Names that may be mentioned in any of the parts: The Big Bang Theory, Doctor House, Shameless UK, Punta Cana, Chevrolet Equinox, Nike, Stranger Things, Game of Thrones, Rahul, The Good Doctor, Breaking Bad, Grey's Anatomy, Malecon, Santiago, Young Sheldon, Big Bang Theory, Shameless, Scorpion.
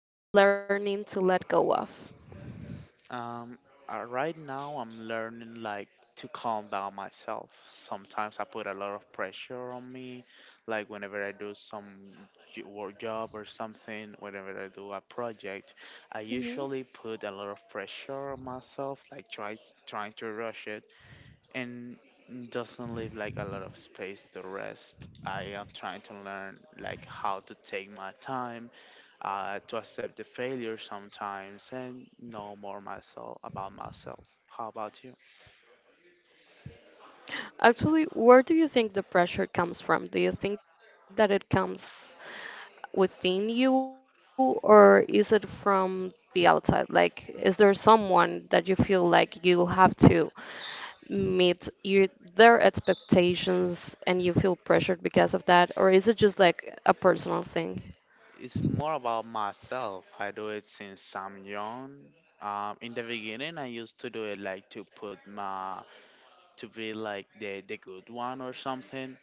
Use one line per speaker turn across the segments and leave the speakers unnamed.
What's something you're learning to let go of?
Um, right now I'm learning like to calm down myself. Sometimes I put a lot of pressure on me, like whenever I do some work job or something, whenever I do a project,
hmm
I usually put a lot of pressure on myself, like trying to rush it and doesn't leave like a lot of space to rest. I am trying to learn like how to take my time, to accept the failure sometimes and know more myself about myself. How about you?
Actually, where do you think the pressure comes from? Do you think that it comes within you, or is it from the outside? Like, is there someone that you feel like you have to meet their expectations and you feel pressured because of that, or is it just like a personal thing?
It's more about myself. I do it since I'm young. In the beginning, I used to do it like to put my, to be like the good one or something.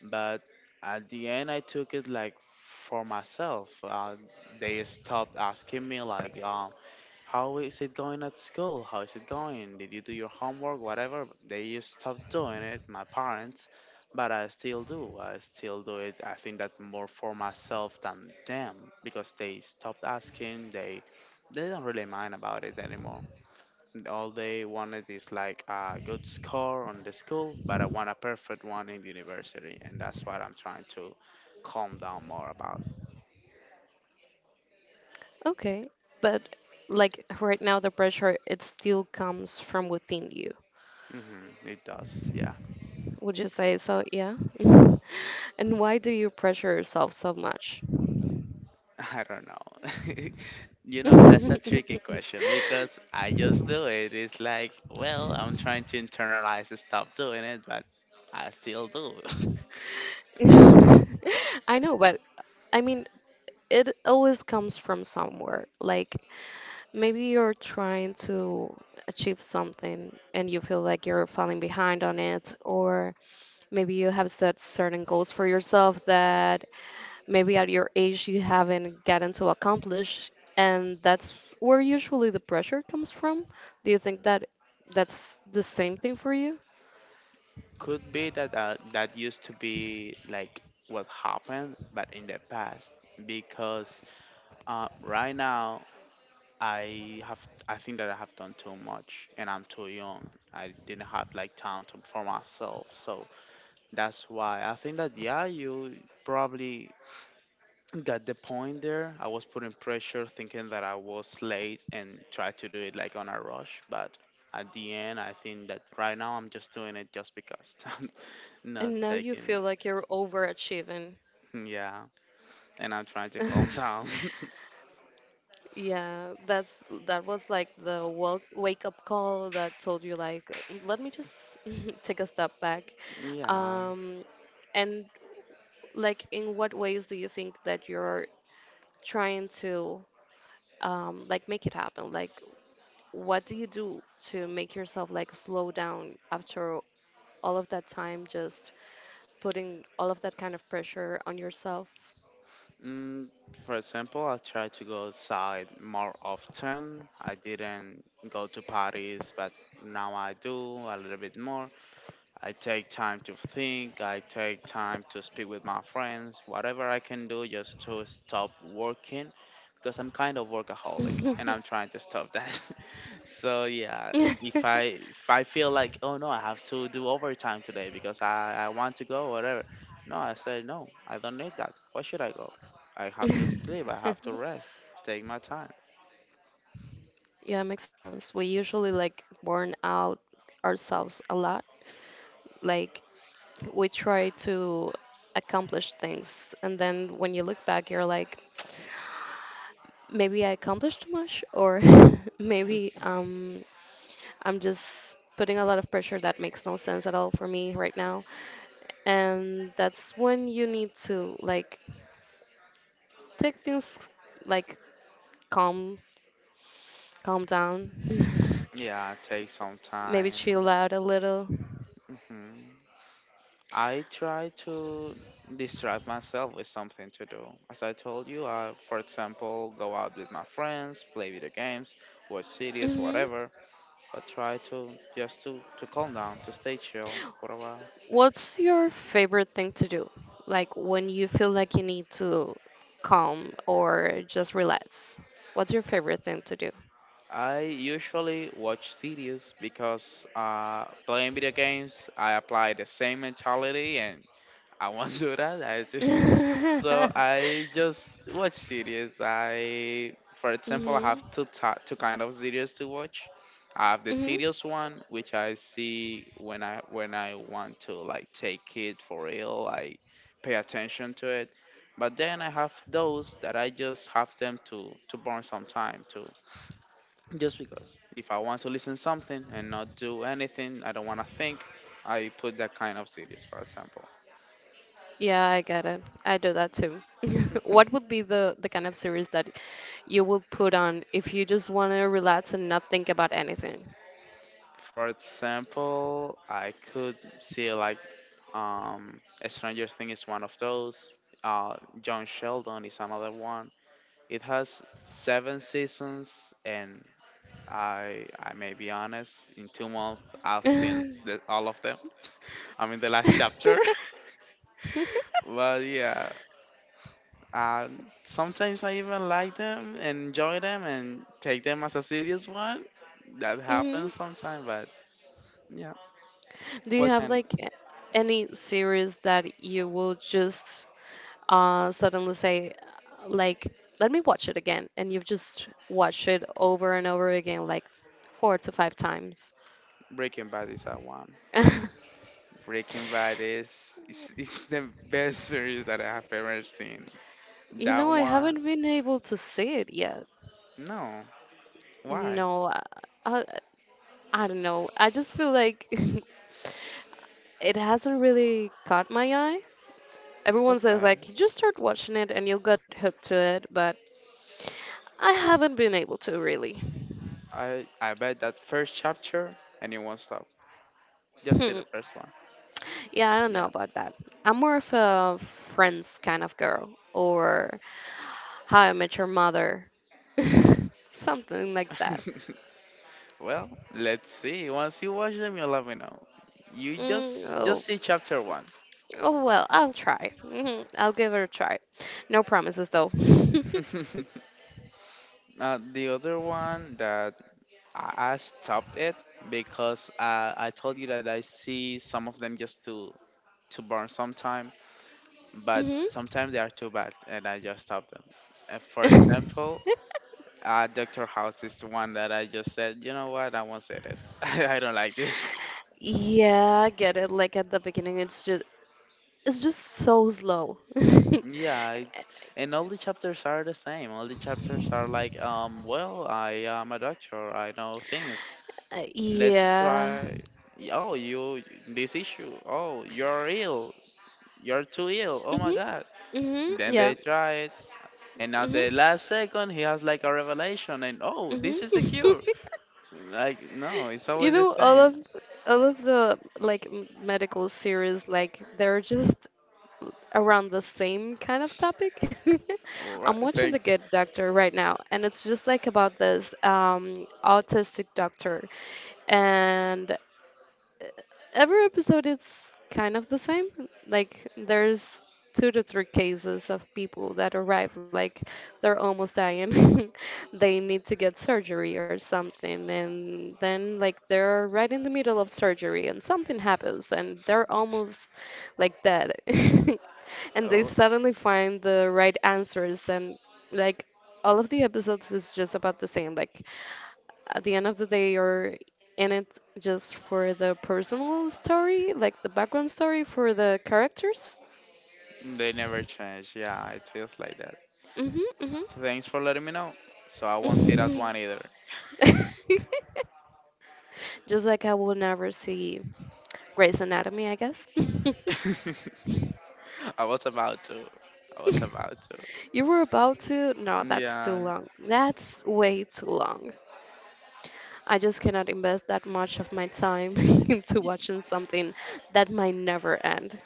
But at the end, I took it like for myself. They stopped asking me like, how is it going at school? How is it going? Did you do your homework? Whatever. They just stopped doing it, my parents, but I still do. I still do it. I think that more for myself than them because they stopped asking. They don't really mind about it anymore. All they wanted is like a good score on the school, but I want a perfect one in the university, and that's what I'm trying to calm down more about.
Okay, but like right now, the pressure, it still comes from within you.
Hmm it does, yeah.
Would you say so? Yeah. And why do you pressure yourself so much?
I don't know. You know, that's a tricky question because I just do it. It's like, well, I'm trying to internalize and stop doing it, but I still do.
I know, but I mean, it always comes from somewhere. Like maybe you're trying to achieve something and you feel like you're falling behind on it, or maybe you have set certain goals for yourself that maybe at your age you haven't gotten to accomplish, and that's where usually the pressure comes from. Do you think that that's the same thing for you?
Could be that, that used to be like what happened, but in the past, because right now I have, I think that I have done too much and I'm too young. I didn't have like time to, for myself, so that's why I think that, yeah, you probably got the point there. I was putting pressure, thinking that I was late, and tried to do it like on a rush. But at the end, I think that right now I'm just doing it just because I'm not
And now you
taking,
feel like you're overachieving.
yeah, and I'm trying to calm down.
Yeah, that was like the wake up call that told you like, let me just take a step back.
yeah.
Um, and like, in what ways do you think that you're trying to like make it happen? Like, what do you do to make yourself like slow down after all of that time just putting all of that kind of pressure on yourself?
Mm, for example, I tried to go outside more often. I didn't go to parties, but now I do a little bit more. I take time to think, I take time to speak with my friends, whatever I can do just to stop working because I'm kind of workaholic and I'm trying to stop that. so yeah, if I feel like, oh no, I have to do overtime today because I want to go whatever. No, I say no, I don't need that. Why should I go? I have to sleep, I have to rest, take my time.
Yeah, it makes a lot of sense. We usually like burn out ourselves a lot. Like we try to accomplish things, and then when you look back, you're like, maybe I accomplished too much, or maybe I'm just putting a lot of pressure that makes no sense at all for me right now. And that's when you need to like take things like calm, calm down,
Yeah, take some
maybe chill
time.
out a little.
Hmm, I try to distract myself with something to do. As I told you, I, for example, go out with my friends, play video games, watch series,
hmm
whatever. I try to just to calm down, to stay chill for a while.
What's your favorite thing to do? Like when you feel like you need to calm or just relax. What's your favorite thing to do?
I usually watch series because, playing video games, I apply the same mentality and I won't do that. I do. So I just watch series. I, for example, I
hmm
have two kind of series to watch. I have the
hmm
serious one, which I see when I want to like take it for real. I pay attention to it. But then I have those that I just have them to burn some time, to just because if I want to listen something and not do anything, I don't want to think. I put that kind of series, for example.
Yeah, I get it. I do that too. What would be the kind of series that you would put on if you just want to relax and not think about anything?
For example, I could see like, um, Stranger Things is one of those. Uh, John Sheldon is another one. It has seven seasons, and I may be honest, in two months I've seen the, all of them. I'm in the last chapter. But yeah, uh, sometimes I even like them, enjoy them, and take them as a serious one. That
hmm
happens sometimes, but yeah,
Do you
what
have
can.
like any series that you will just suddenly say like let me watch it again and you've just watched it over and over again like four to five times?
Breaking Bad is that one.
hmm
Breaking Bad is is the best series that I have ever seen.
You
That
know, I
one,
haven't been able to see it yet.
no. Why?
No, I, I, I don't know. I just feel like it hasn't really caught my eye. Everyone says
Okay.
like you just start watching it and you'll get hooked to it, but I haven't been able to really.
I bet that first chapter and it won't stop. Just see
Hmm.
the first one.
Yeah, I don't know
Yeah.
about that. I'm more of a Friends kind of girl or How I Met Your Mother. Something like that.
well, let's see. Once you watch them, you'll let me know. You
Mm,
just
oh.
see chapter one.
Oh, well, I'll try. I'll give it a try. No promises, though.
The other one that I stopped it because, I told you that I see some of them just to burn sometime, but
hmm
sometimes they are too bad, and I just stop them. For example, Doctor House is the one that I just said, you know what, I won't say this. I don't like this.
Yeah, I get it. Like at the beginning, it's just so slow.
Yeah, it, and all the chapters are the same. All the chapters are like, well, I am a doctor. I know things. Let's
Yeah.
try. Oh, you this issue. Oh, you're ill. You're too ill. Oh my
hmm
God. Then they
Yeah.
try. And at
hmm
the last second, he has like a revelation, and oh,
hmm
this is the cure. Like, no, it's
You
always the
know,
same.
all of the like medical series, like they're just around the same kind of topic.
All
I'm
right,
watching
thank.
The Good Doctor right now, and it's just like about this autistic doctor, and every episode it's kind of the same. Like there's two to three cases of people that arrive like they're almost dying. They need to get surgery or something and then like they're right in the middle of surgery and something happens and they're almost like dead. And
All
they
right.
suddenly find the right answers and like all of the episodes is just about the same. Like at the end of the day you're in it just for the personal story, like the background story for the characters.
They never change. Yeah, it feels like that.
Mhm,
Thanks for letting me know. So I won't see that
mhm.
one either.
Just like I will never see Grey's Anatomy, I guess.
I was about to. I was about to.
You were about to? No, that's too
Yeah.
long. That's way too long. I just cannot invest that much of my time into
Y-
watching something that might never end.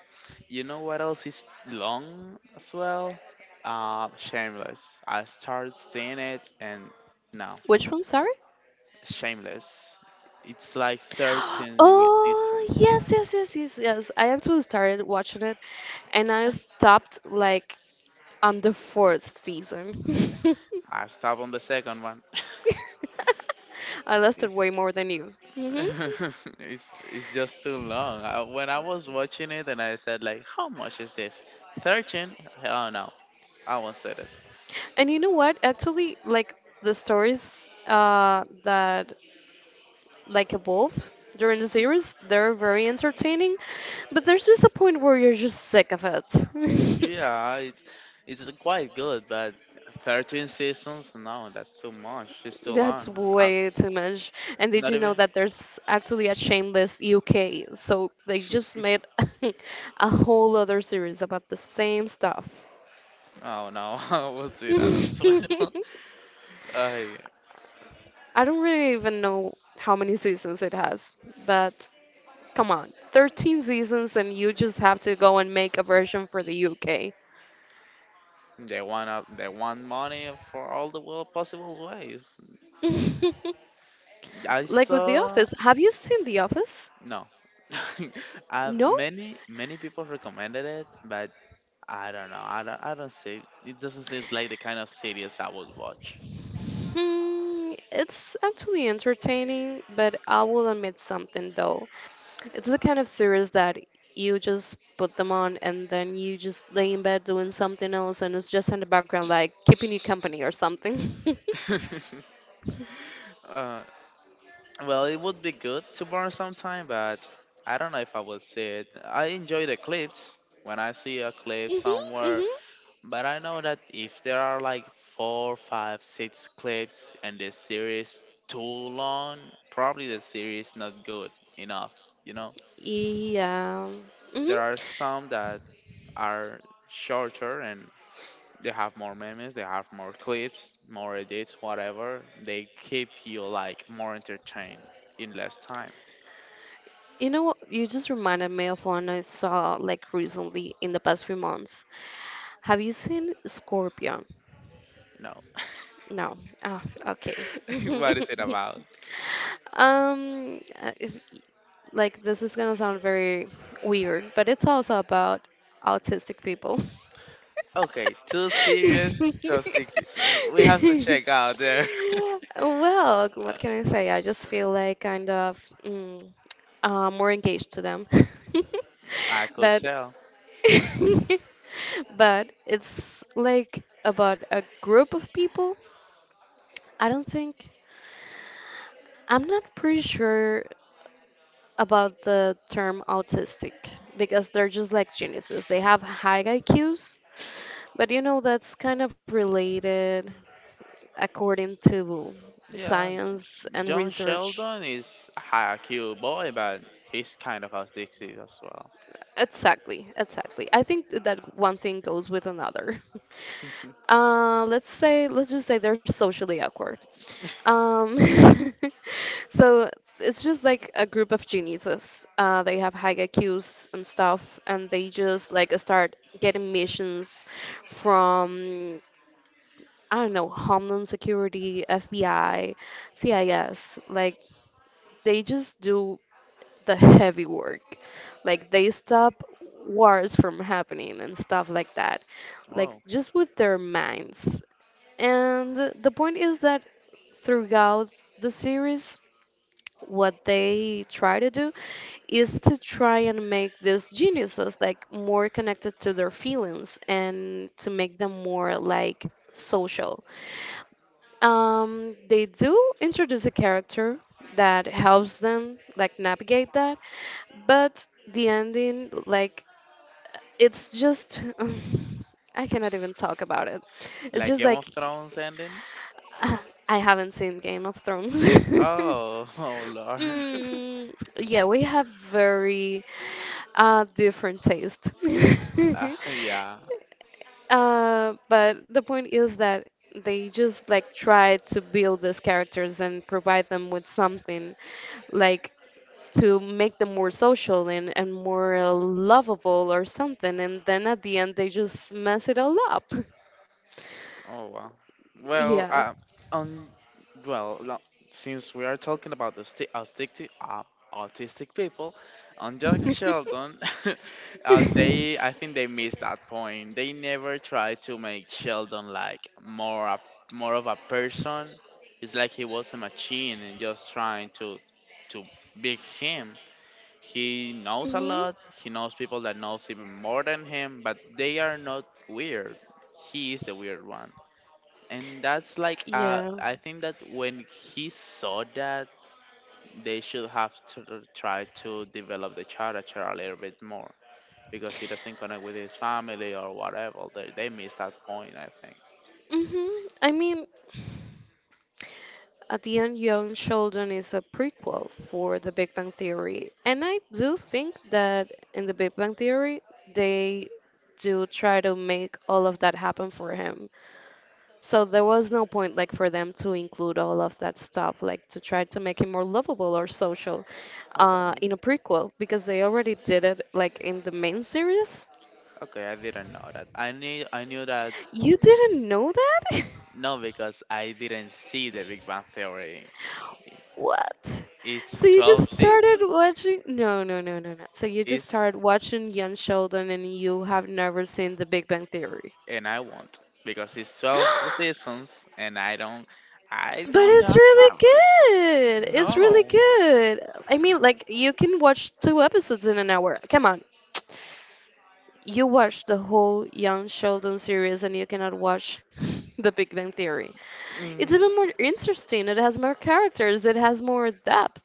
you know what else is long as well? Shameless. I started seeing it, and no,
Which one, sorry?
Shameless. It's like 13 with
Oh,
distance.
yes, yes, yes, yes, yes. I actually started watching it and I stopped like on the fourth season.
I stopped on the second one.
I lasted
it's,
way more than you.
it's just too long. I, when I was watching it and I said like, how much is this? 13? Oh no, I won't say this.
And you know what? Actually, like the stories that like evolve during the series, they're very entertaining, but there's just a point where you're just sick of it.
Yeah, it's quite good, but 13 seasons? No, that's too much. It's too
That's
long. I
way too much. And did
not
you know
even.
that there's actually a Shameless UK? So they just made a whole other series about the same stuff.
Oh no, I won't do that. As well. Ay,
I don't really even know how many seasons it has, but come on, 13 seasons, and you just have to go and make a version for the UK.
they want up, they want money for all the world possible ways. I
Like with The
saw.
Office, have you seen The Office?
No.
No?
Many people recommended it, but I don't know. I don't. I don't see. It doesn't seem like the kind of series I would watch.
Hmm, it's actually entertaining, but I will admit something though. It's the kind of series that you just put them on and then you just lay in bed doing something else and it's just in the background, like keeping you company or something.
uh, well, it would be good to burn some time, but I don't know if I will see it. I enjoy the clips. When I see a clip
Mm-hmm,
somewhere,
mm-hmm.
But I know that if there are like four, five, six clips and the series too long, probably the series not good enough, you know?
Yeah. Mm-hmm.
There are some that are shorter and they have more memes, they have more clips, more edits, whatever. They keep you like more entertained in less time.
You know what? You just reminded me of one I saw like recently in the past few months. Have you seen Scorpion?
No.
No. Oh, okay.
what is it about?
Um, uh, it's- like this is gonna sound very weird, but it's also about autistic people.
Okay, too serious. So stick. To, we have to check out there.
Well, what can
Uh,
I say? I just feel like kind of more engaged to them.
I could
But
tell.
but it's like about a group of people. I don't think I'm not pretty sure about the term autistic because they're just like geniuses. They have high IQs, but you know, that's kind of related according to
Yeah,
science and
John
research.
Sheldon is a cute boy, but he's kind of autistic as well.
Exactly, exactly. I think that one thing goes with another. Let's say, let's just say they're socially awkward. Um, so it's just like a group of geniuses. They have high IQs and stuff, and they just like start getting missions from I don't know Homeland Security, FBI, CIS. Like they just do the heavy work. Like they stop wars from happening and stuff like that. Like
Wow.
just with their minds. And the point is that throughout the series, what they try to do is to try and make these geniuses like more connected to their feelings and to make them more like social, they do introduce a character that helps them like navigate that, but the ending like it's just I cannot even talk about it. It's
Like
just
Game
like
of Thrones ending?
I haven't seen Game of Thrones.
Oh, oh lord.
Mm, yeah, we have very different taste.
Yeah.
But the point is that they just like try to build these characters and provide them with something like to make them more social and more lovable or something. And then at the end, they just mess it all up.
Oh wow. Well,
Yeah.
on, well, since we are talking about the autistic, autistic people, on Jack and Sheldon, they I think they missed that point. They never tried to make Sheldon like more of a person. It's like he was a machine and just trying to to be him. He knows a
hmm
lot. He knows people that knows even more than him, but they are not weird. He is the weird, and that's like,
Yeah.
I think that when he saw that they should have to try to develop the character a little bit more because he doesn't connect with his family or whatever. They missed that point, I think.
I mean, at the end, Young Sheldon is a prequel for The Big Bang Theory, and I do think that in The Big Bang Theory they do try to make all of that happen for him. So there was no point like for them to include all of that stuff, like to try to make him more lovable or social,
Okay,
in a prequel because they already did it like in the main series.
okay, I didn't know that. I knew that
You didn't know that?
no because I didn't see the Big Bang Theory.
What?
It's
So you
12
just started
seasons.
watching? No, no, no, no, no. So you just
It's,
started watching Young Sheldon and you have never seen The Big Bang Theory.
and I won't because it's 12 seasons and I
But
don't
it's
have
really
time.
good. It's really
No.
good. I mean, like, you can watch two episodes in an hour. Come on. You watch the whole Young Sheldon series and you cannot watch The Big Bang Theory. It's even more interesting. It has more characters. It has more depth,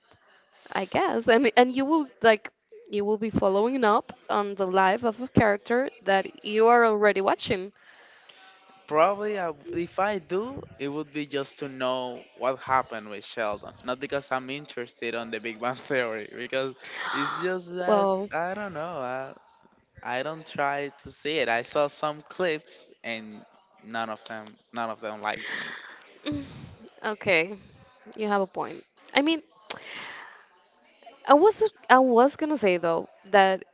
I guess. I mean, and you will like you will be following up on the life of a character that you are already watching.
Probably, I, if I do, it would be just to know what happened with Sheldon. Not because I'm interested on the Big Bang Theory, because it's just that
Well,
I don't know. I don't try to see it. I saw some clips, and none of them liked me.
mm, okay, you have a point. I mean, I was I was gonna say though that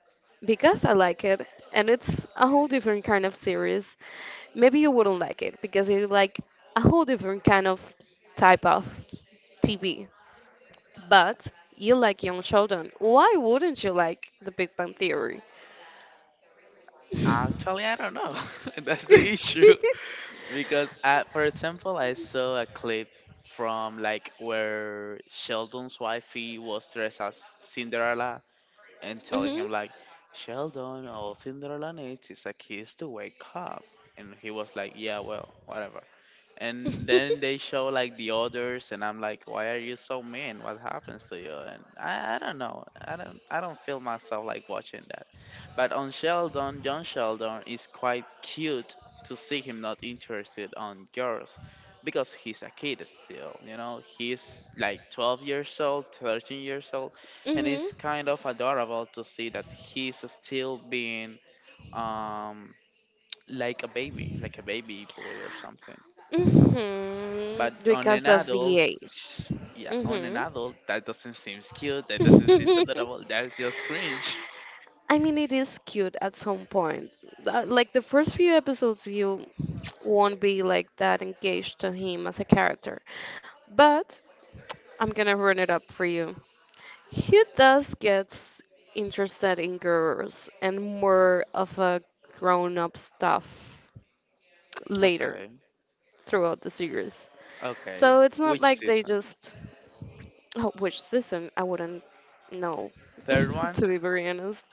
because I like it and it's a whole different kind of series, maybe you wouldn't like it because you like a whole different kind of type of TV. But you like young children. Why wouldn't you like the Big Bang Theory?
Actually, I don't know. That's the issue. Because, I, for example, I saw a clip from like where Sheldon's wifey was dressed as Cinderella and telling
hmm
him like, Sheldon, all Cinderella needs is a kiss to wake up. And he was like, "Yeah, well, whatever," and then they show like the others, and I'm like, why are you so mean? What happens to you? And I don't know. I don't feel myself like watching that. But on Sheldon, John Sheldon is quite cute, to see him not interested on girls, because he's a kid still, you know, he's like 12 years old, 13 years old, and it's
hmm
kind of adorable to see that he's still being um like a baby, like a baby boy or something. But on
Because
an
of
adult,
the age.
yeah, on an
hmm
adult, that doesn't seem cute. That doesn't seem adorable. That's just cringe.
I mean, it is cute at some point. Like the first few episodes, you won't be like that engaged to him as a character. But I'm gonna run it up for you. He does gets interested in girls and more of a grown-up stuff later
Okay.
throughout the series.
Okay.
So it's not
Which
like they
season?
just Oh, which season? I wouldn't know,
Third one.
to be very honest.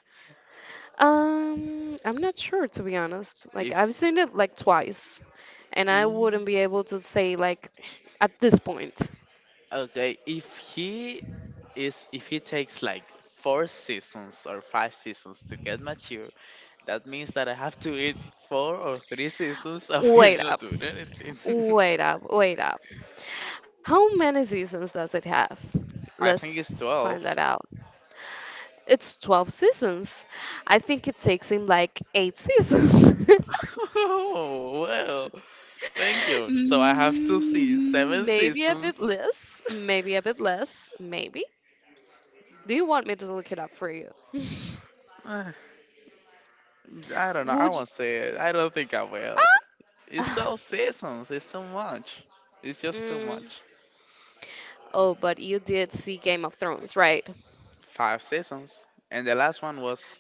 I'm not sure, to be honest. Like,
If
I've seen it like twice, and I
he,
wouldn't be able to say, like, at this point,
okay, if he is, if he takes like four seasons or five seasons to get mature, that means that I have to eat four or three seasons of him
wait
not
up,
doing anything.
wait up, wait up. How many seasons does it have?
I think
Let's
it's 12.
find that out. It's 12 seasons. I think it takes him like eight seasons.
Oh well, thank you. So I have to see seven
Maybe a bit
seasons.
less, maybe a bit less, maybe. Do you want me to look it up for you?
Uh, I don't know. I
Would you?
won't say it. I don't think I will. It's
Ah!
so seasons. It's too much. It's just too
Mm,
much.
oh, but you did see Game of Thrones, right?
Five seasons, and the last one was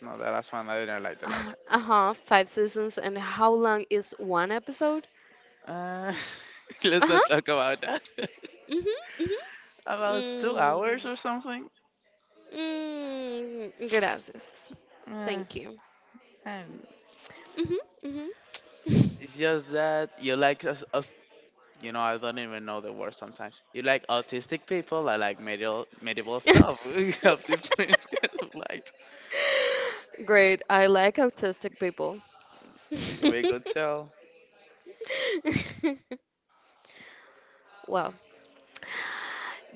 no. The last one, I didn't like the last
Uh-huh, five seasons, and how long is one episode?
one. Let's not talk
Uh-huh.
about that.
Mm-hmm.
about 2 hours
Mm-hmm.
or something.
Mm, mm, gracias.
Uh,
Thank you.
and
Mm-hmm. Mm-hmm.
it's just that you like us, us. You know, I don't even know the word sometimes. You like autistic people. I like medieval stuff. We have different kind of light.
Great. I like autistic people.
We could tell.
Well,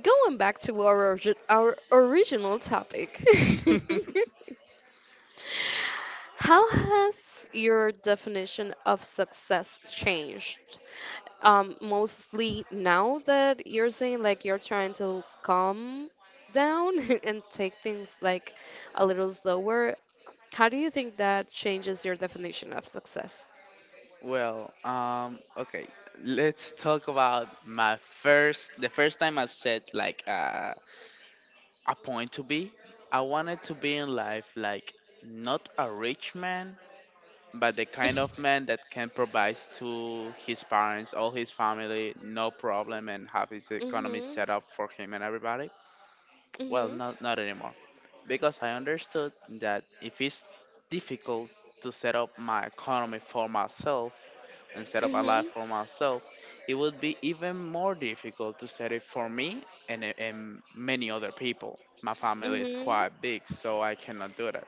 going back to our our original topic. How has your definition of success changed? Mostly now that you're saying like you're trying to calm down and take things like a little slower. How do you think that changes your definition of success?
Well, okay. Let's talk about the first time I set like a point to be. I wanted to be in life like not a rich man, but the kind of man that can provide to his parents, all his family, no problem, and have his economy
Mhm.
set up for him and everybody. Well,
Mhm.
not anymore, because I understood that if it's difficult to set up my economy for myself and set up a
Mhm.
life for myself, it would be even more difficult to set it for me and many other people. My family is
Mhm.
quite big, so I cannot do that.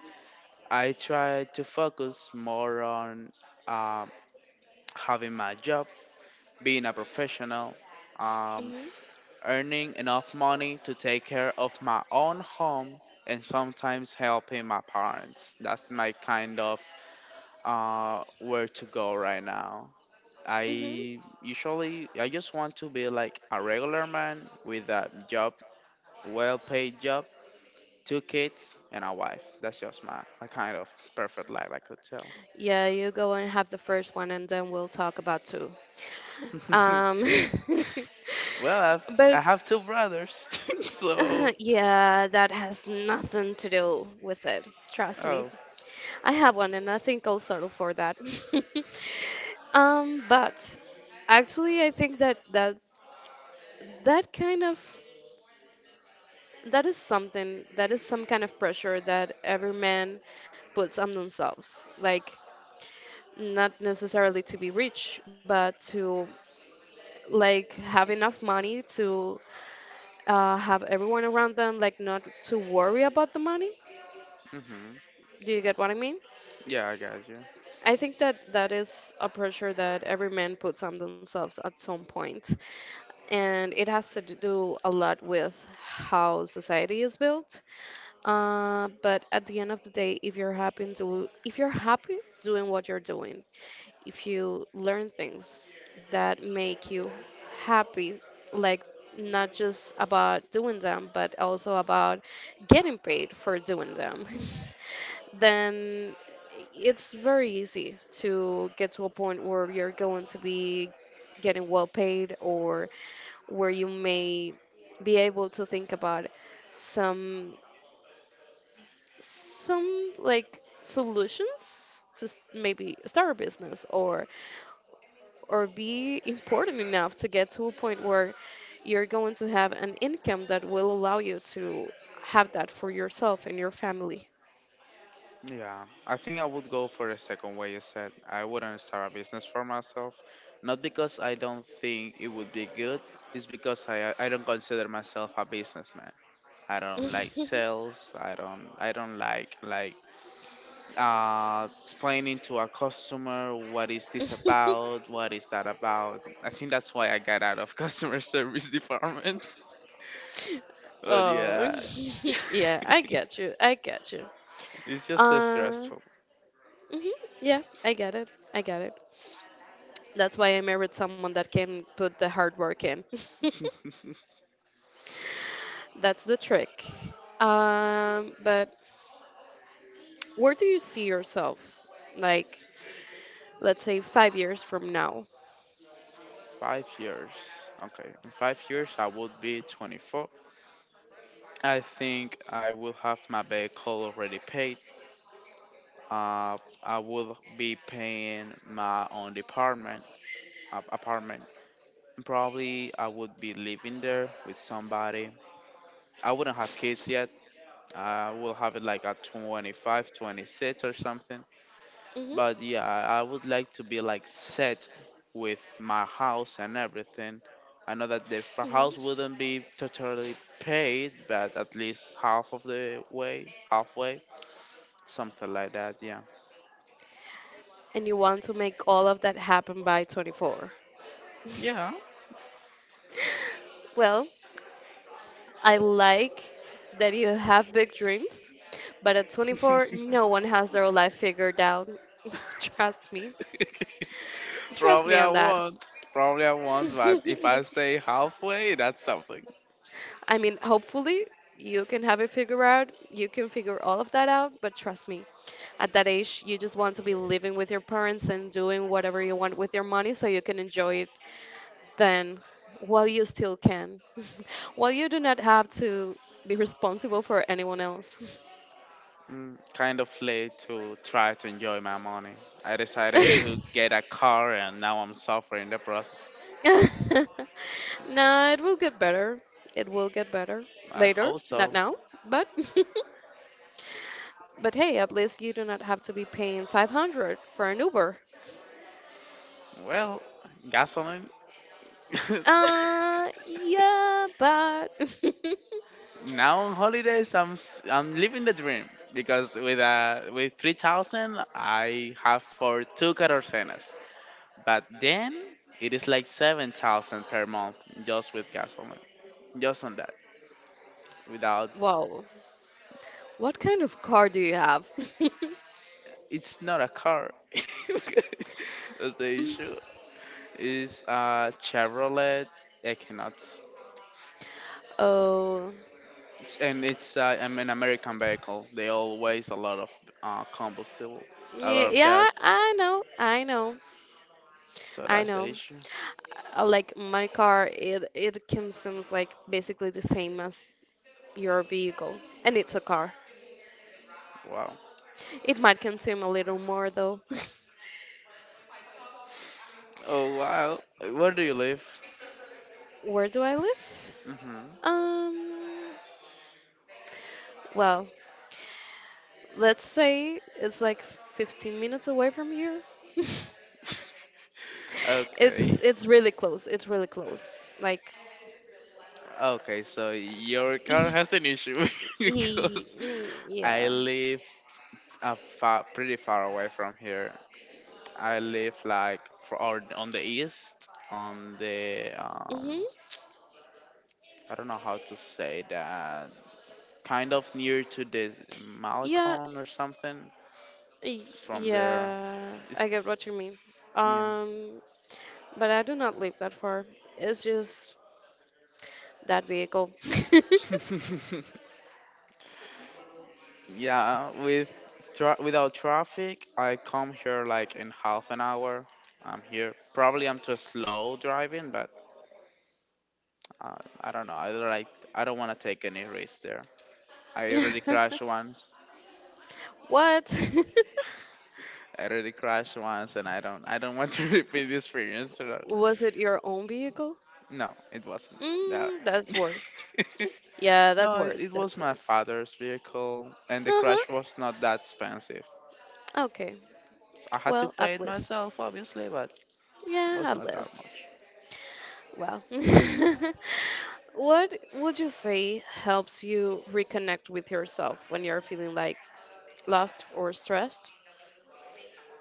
I try to focus more on uh, having my job, being a professional, um,
Mhm.
earning enough money to take care of my own home, and sometimes helping my parents. That's my kind of where to go right now.
Mhm.
I just want to be like a regular man with a job, well-paid job, two kids and a wife. That's just my kind of perfect life, I could tell.
Yeah, you go and have the first one, and then we'll talk about two. Um,
well, I
but
have two brothers, so.
yeah, that has nothing to do with it. Trust me.
Oh.
I have one and I think I'll settle for that. But actually I think that kind of that is something that is some kind of pressure that every man puts on themselves. Like not necessarily to be rich, but to like have enough money to have everyone around them like not to worry about the money.
Hmm.
Do you get what I mean?
Yeah, I got you.
I think that that is a pressure that every man puts on themselves at some point. And it has to do a lot with how society is built. But at the end of the day, if you're happy and do, if you're happy doing what you're doing, if you learn things that make you happy, like not just about doing them, but also about getting paid for doing them, then it's very easy to get to a point where you're going to be getting well paid or where you may be able to think about some some like solutions to maybe start a business or be important enough to get to a point where you're going to have an income that will allow you to have that for yourself and your family.
Yeah, I think I would go for the second way you said. I wouldn't start a business for myself, not because I don't think it would be good. It's because I don't consider myself a businessman. I don't like sales. I don't like explaining to a customer what is this about, what is that about. I think that's why I got out of customer service department. But
Oh,
yeah.
yeah, I get you. I get you.
it's just so
Uh,
stressful.
mhm, yeah, I get it. I get it. That's why I married someone that can put the hard work in. That's the trick. But where do you see yourself? Like, let's say 5 years from now.
5 years. Okay. In 5 years I would be 24. I think I will have my vehicle already paid. Uh I will be paying my own department apartment. And probably I would be living there with somebody. I wouldn't have kids yet. I will have it like at 25, 26 or something. But
Hmm.
yeah, I would like to be like set with my house and everything. I know that the house
Hmm.
wouldn't be totally paid, but at least half of the way, halfway, something like that. Yeah.
And you want to make all of that happen by 24.
Yeah.
Well, I like that you have big dreams, but at 24, no one has their life figured out. Trust me. Trust
Probably
me
I
on that.
won't. Probably I won't, but if I stay halfway, that's something.
I mean, hopefully you can have it figured out. You can figure all of that out, but trust me, at that age, you just want to be living with your parents and doing whatever you want with your money so you can enjoy it then while you still can. While you do not have to be responsible for anyone else.
Kind of late to try to enjoy my money. I decided to get a car and now I'm suffering the process.
No, it will get better. It will get better
I
later,
hope
not
so.
now, but but hey, at least you do not have to be paying 500 for an Uber.
Well, gasoline.
Yeah, but
now on holidays I'm living the dream because with 3,000 I have for two catorcenas. But then it is like 7,000 per month just with gasoline. Just on that. Without.
wow, what kind of car do you have?
It's not a car. That's the issue. It's a Chevrolet Equinox.
Oh,
An American vehicle. They all waste a lot of combustible, a lot
yeah,
of
yeah,
gas.
I know, I know,
So
I
that's the
know.
issue.
Like my car, it comes seems like basically the same as your vehicle, and it's a car.
Wow.
It might consume a little more though.
Oh wow. Where do you live?
Where do I live?
Hmm.
Um, well, let's say it's like 15 minutes away from here.
Okay.
It's really close. It's really close. Like,
Okay, so your car
e,
has an issue because I
yeah.
live far, pretty far away from here. I live like or on the east, on the
Mhm.
I don't know how to say that. Kind of near to this
Yeah.
Malecon or something.
y-
From there,
Yeah. I
it's,
get what you mean.
yeah,
Um, but I do not live that far. It's just that vehicle.
yeah. With without traffic, I come here like in half an hour. I'm here. Probably I'm too slow driving, but I don't know. I don't like. I don't want to take any risk there. I already crashed once.
What?
I already crashed once, and I don't. I don't want to repeat the experience. So.
Was it your own vehicle?
No, it wasn't that.
That's worst. Yeah, that's
No, it,
worst.
it was
That's
my
worst.
father's vehicle, and the
Uh-huh.
crash was not that expensive.
Okay.
I had to
Well, at
pay it
least.
myself, obviously, but it
Yeah,
was
at
not that
least.
much.
Well, what would you say helps you reconnect with yourself when you're feeling like lost or stressed?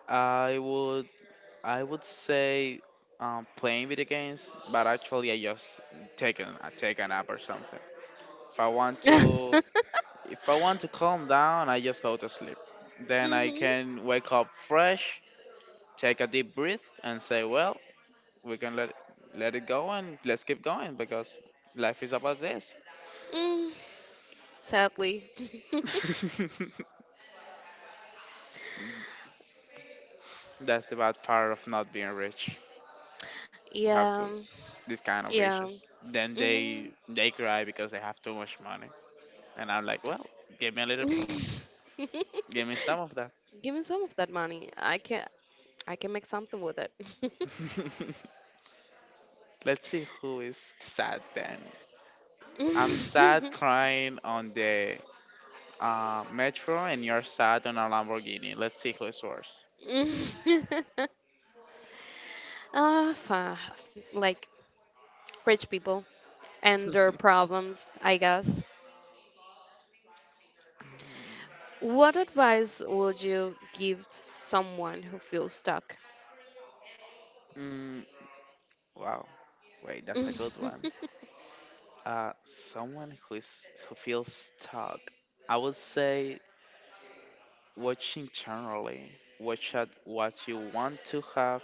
I would I would say playing video games, but actually I just take a I take a nap or something. If I want
Mm-hmm.
to if I want to calm down, I just go to sleep. Then I can wake up fresh, take a deep breath, and say, well, we can let it go, and let's keep going because life is about this.
Mm, sadly.
That's the bad part of not being rich. You have
Yeah.
to these kind of
Yeah.
issues. Then
Mm-hmm.
they cry because they have too much money, and I'm like, well, give me a little, give me some of that.
Give me some of that money. I can make something with it.
Let's see who is sad then. I'm sad crying on the metro, and you're sad on a Lamborghini. Let's see who is worse.
Ah, like rich people and their problems, I guess. What advice would you give someone who feels stuck?
Mm, wow, wait, that's a good one. Someone who feels stuck. I would say Watching generally, watch at what you want to have.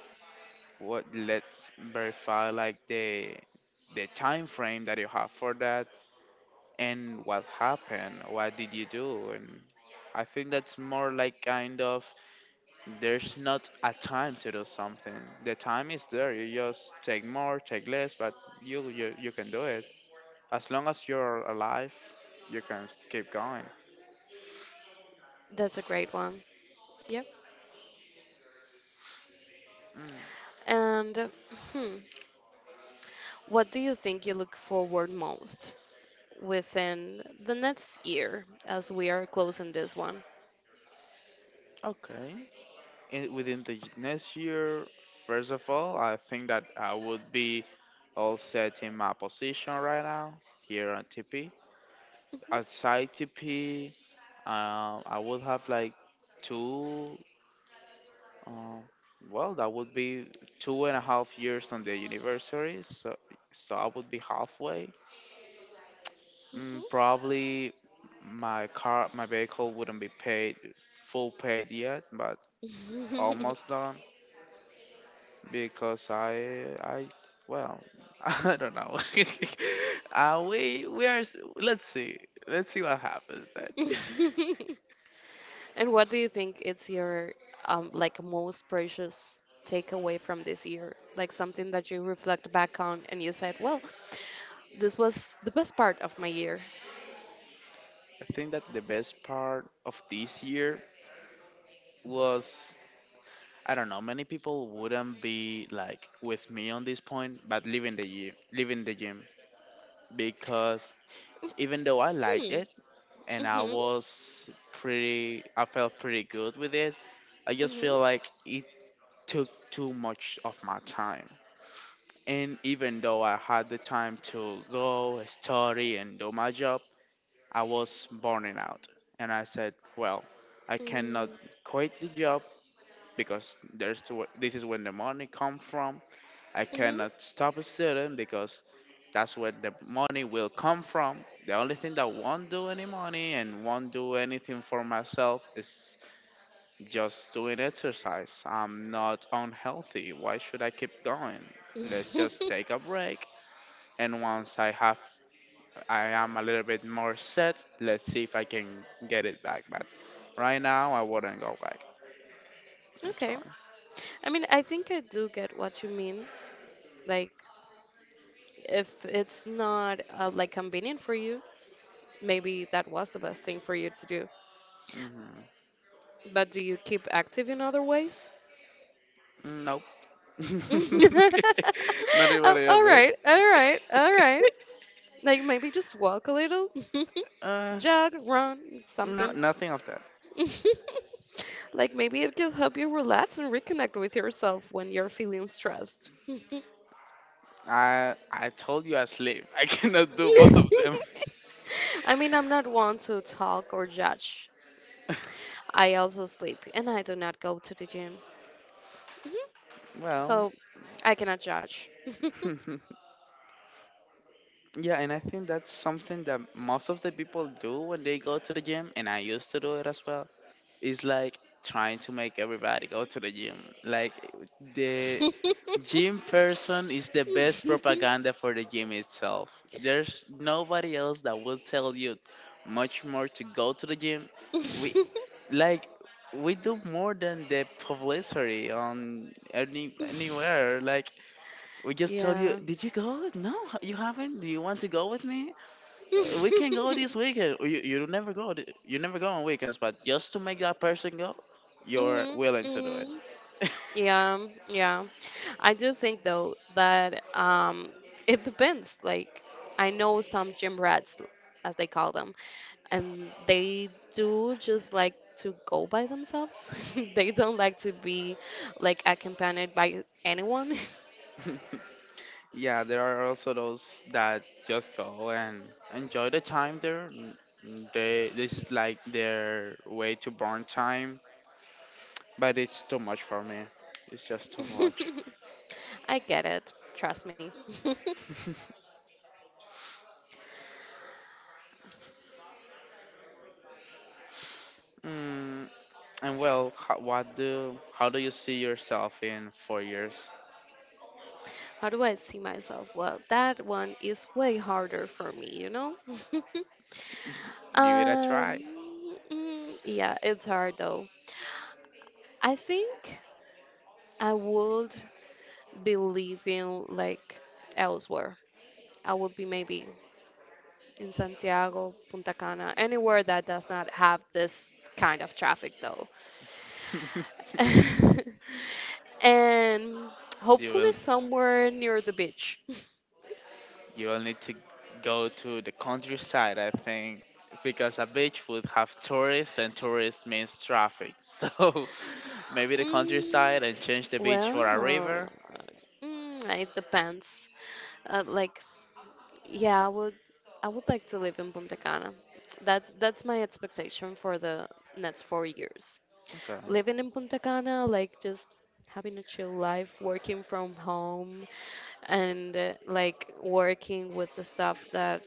What Let's verify like the time frame that you have for that and what happened. What did you do? And I think that's more like kind of there's not a time to do something. The time is there. You just take more, take less, but you can do it as long as you're alive. You can keep going.
That's a great one. Yep.
Mm,
And hmm, what do you think you look forward most within the next year as we are closing this one.
okay. Within the next year, first of all, I think that I would be all set in my position right now here on TP. Outside TP, I would have like two, um, that would be 2.5 years on the university, so I would be halfway. Mm,
Mhm.
probably my vehicle wouldn't be paid full paid yet, but
Mhm.
almost done because I well, I don't know. uh, we we are s- let's see let's see what happens then.
And what do you think it's your like most precious takeaway from this year? Like something that you reflect back on and you said, "Well, this was the best part of my year."
I think that the best part of this year was. I don't know, many people wouldn't be like with me on this point, but leaving the gym because even though I liked
Hmm.
it and
Mhm.
I felt pretty good with it, I just
Mhm.
feel like it took too much of my time. And even though I had the time to go study and do my job, I was burning out. And I said, well, I cannot quit the job because there's the this is when the money come from. I
Mm. Mhm.
cannot stop studying because that's where the money will come from. The only thing that won't do any money and won't do anything for myself is just doing exercise. I'm not unhealthy. Why should I keep going? Let's just take a break, and once I am a little bit more set, let's see if I can get it back. But right now I wouldn't go back
Okay.
actually.
I mean, I think I do get what you mean. Like, if it's not like convenient for you, maybe that was the best thing for you to do.
Mm-hmm.
But do you keep active in other ways?
Nope. Not even
Oh,
a
all
bit.
right, all right, all right. Like maybe just walk a little,
Uh,
jog, run,
no,
something.
nothing of that.
Like maybe it can help you relax and reconnect with yourself when you're feeling stressed.
I told you I sleep. I cannot do both of them.
I mean, I'm not one to talk or judge. I also sleep and I do not go to the gym.
Well,
So I cannot judge.
yeah, and I think that's something that most of the people do when they go to the gym, and I used to do it as well. Is like trying to make everybody go to the gym. Like, the gym person is the best propaganda for the gym itself. There's nobody else that will tell you much more to go to the gym. We like we do more than the publicity on anywhere. Like we just tell you,
Yeah.
did you go? No, you haven't. Do you want to go with me? We can go this weekend. "Oh, You never go. You never go on weekends, but just to make that person go, you're
Mm,
willing to do it."
mm. Yeah, yeah. I do think though that it depends. Like I know some gym rats as they call them, and they do just like to go by themselves. They don't like to be like accompanied by anyone.
Yeah, there are also those that just go and enjoy the time there. N- n- They This is like their way to burn time, but it's too much for me. It's just too much.
I get it. Trust me.
Mm, and well, what do how do you see yourself in 4 years?
How do I see myself? Well, that one is way harder for me, you know?
Give it a try.
Um, yeah, it's hard though. I think I would be living like elsewhere. I would be maybe in Santiago, Punta Cana, anywhere that does not have this kind of traffic though. And
You
hopefully
will.
somewhere near the beach.
You will need to go to the countryside, I think, because a beach would have tourists, and tourists means traffic. So maybe the
Mm,
countryside and change the beach for a
well,
river.
it depends. Like yeah, I would like to live in Punta Cana. That's my expectation for the next 4 years.
Okay.
Living in Punta Cana, like just having a chill life, working from home and like working with the stuff that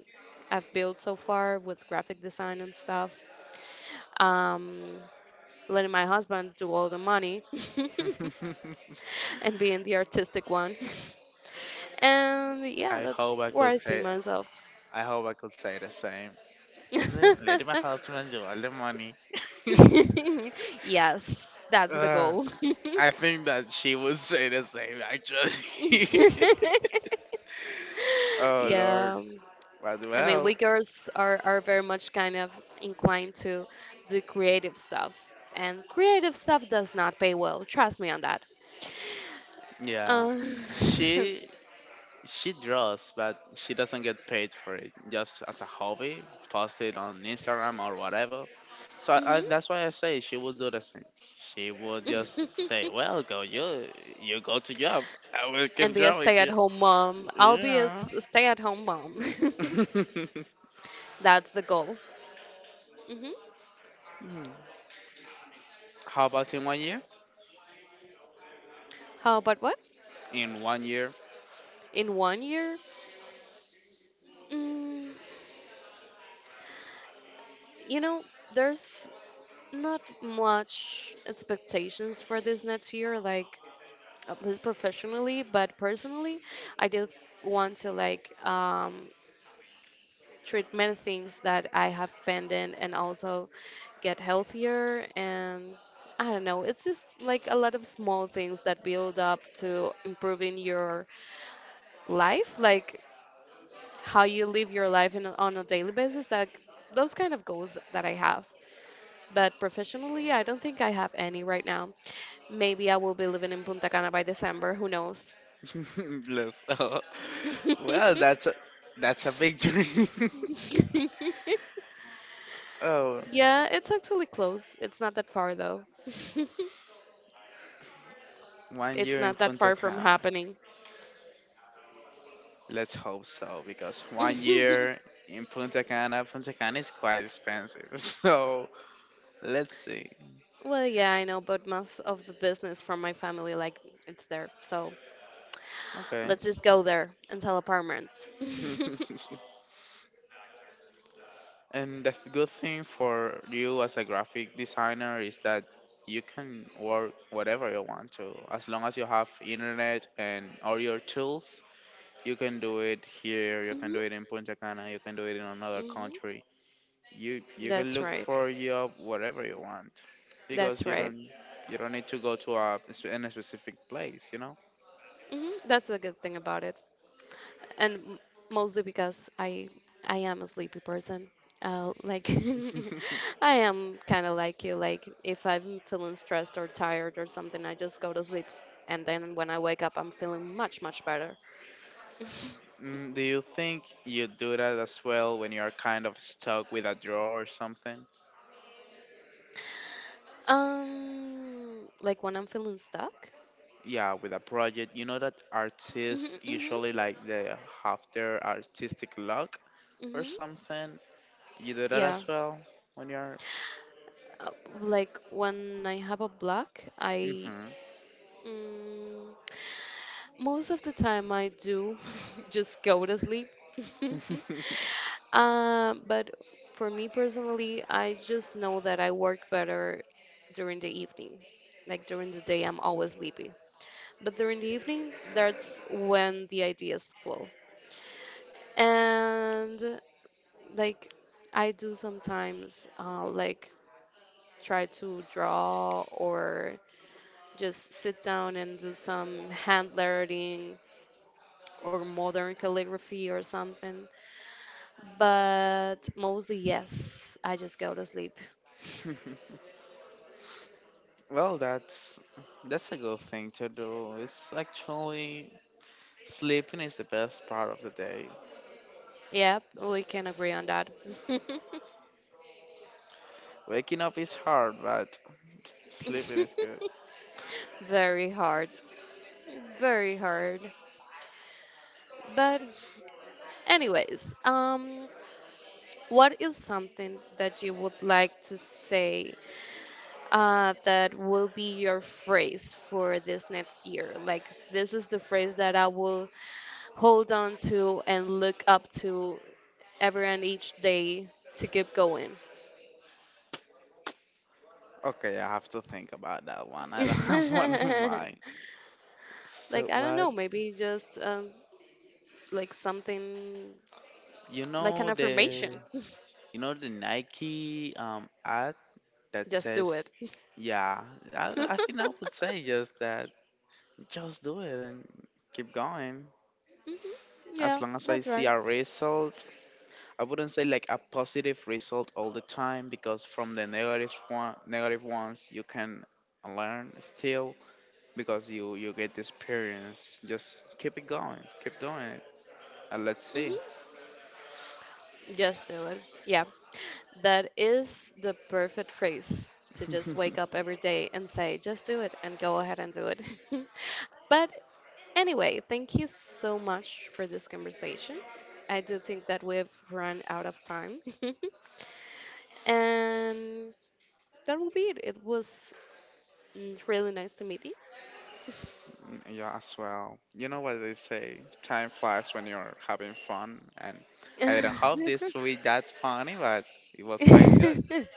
I've built so far with graphic design and stuff. Um letting my husband do all the money and being the artistic one. And yeah,
I
that's
hope I
where
could
I see
say
myself.
I hope I could say the same. Let my husband do all the money.
Yes, that's the
Uh,
goal.
I think that she would say the same, actually. oh Lord.
Yeah.
But
I mean,
well,
we girls are very much kind of inclined to do creative stuff. And creative stuff does not pay well. Trust me on that.
yeah.
Uh,
She She draws, but she doesn't get paid for it. Just as a hobby, post it on Instagram or whatever. So
hmm
that's why I say she would do the same. She would just say, "Well, go you go to job. I will
And be
keep
a
drawing you."
stay-at-home mom. I'll be a
Yeah.
stay-at-home mom. That's the goal. Hmm.
How about in 1 year?
How about what?
In 1 year.
In 1 year? Mm, you know, there's not much expectations for this next year, like at least professionally, but personally, I just want to like treatment things that I have pending and also get healthier and I don't know, it's just like a lot of small things that build up to improving your life, like how you live your life on a daily basis, that those kind of goals that I have. But professionally, I don't think I have any right now. Maybe I will be living in Punta Cana by December, who knows?
bless. Oh. Well, that's a big dream. oh,
Yeah, it's actually close. It's not that far though.
1 year
It's
in
not that
Punta
far from
Cana.
happening.
Let's hope so, because one year in Punta Cana, Punta Cana is quite expensive. So let's see.
Well, yeah, I know, but most of the business from my family, like, it's there. So
Okay.
let's just go there and sell apartments.
and the good thing for you as a graphic designer is that you can work whatever you want to. As long as you have internet and all your tools, you can do it here, you can do
Hmm.
it in Punta Cana, you can do it in another
Hmm.
country. You can
That's
look
right.
for your whatever you want because
That's
you
right.
don't you don't need to go to in a specific place, you know.
Hmm. That's the good thing about it. And mostly because I am a sleepy person. Like I am kind of like you. Like if I'm feeling stressed or tired or something, I just go to sleep, and then when I wake up, I'm feeling much much better.
Do you think you do that as well when you're kind of stuck with a draw or something,
Like when I'm feeling stuck.
yeah, with a project, you know, that artists
Mhm, mhm,
usually like they have their artistic luck or
mhm.
something, you do that as
Yeah,
well when you're.
like when I have a block, I.
Hmm.
Mm, most of the time, I do just go to sleep. But for me personally, I just know that I work better during the evening. Like during the day, I'm always sleepy. But during the evening, that's when the ideas flow. And like I do sometimes, like try to draw or just sit down and do some hand lettering or modern calligraphy or something. But mostly, yes, I just go to sleep.
well, that's a good thing to do, it's actually. Sleeping is the best part of the day.
Yep, we can agree on that.
Waking up is hard, but sleeping is good.
Very hard. Very hard. But anyways, what is something that you would like to say that will be your phrase for this next year? Like, this is the phrase that I will hold on to and look up to every and each day to keep going.
Okay, I have to think about that one. I don't have one
Like,
in mind.
I
So
don't
what?
know, maybe just like something
You
like an
know the
affirmation.
you know the Nike ad that
Just do
says,
it.
yeah. I think I would say just that. Just do it and keep going.
Mhm.
As
Yeah,
long as I
that's
see
right.
a result, I wouldn't say like a positive result all the time, because from negative ones you can learn still, because you get the experience. Just keep it going, keep doing it, and let's see.
Hmm. Just do it. Yeah. That is the perfect phrase to just wake up every day and say, just do it and go ahead and do it. But anyway, thank you so much for this conversation. I do think that we've run out of time. And that will be it. It was really nice to meet
yeah, as well. You know what they say? Time flies when you're having fun, and I didn't hope
you.
this to be that funny, but it was quite good.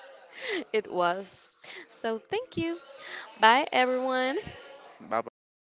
It was. So thank you. Bye, everyone.
Bye bye.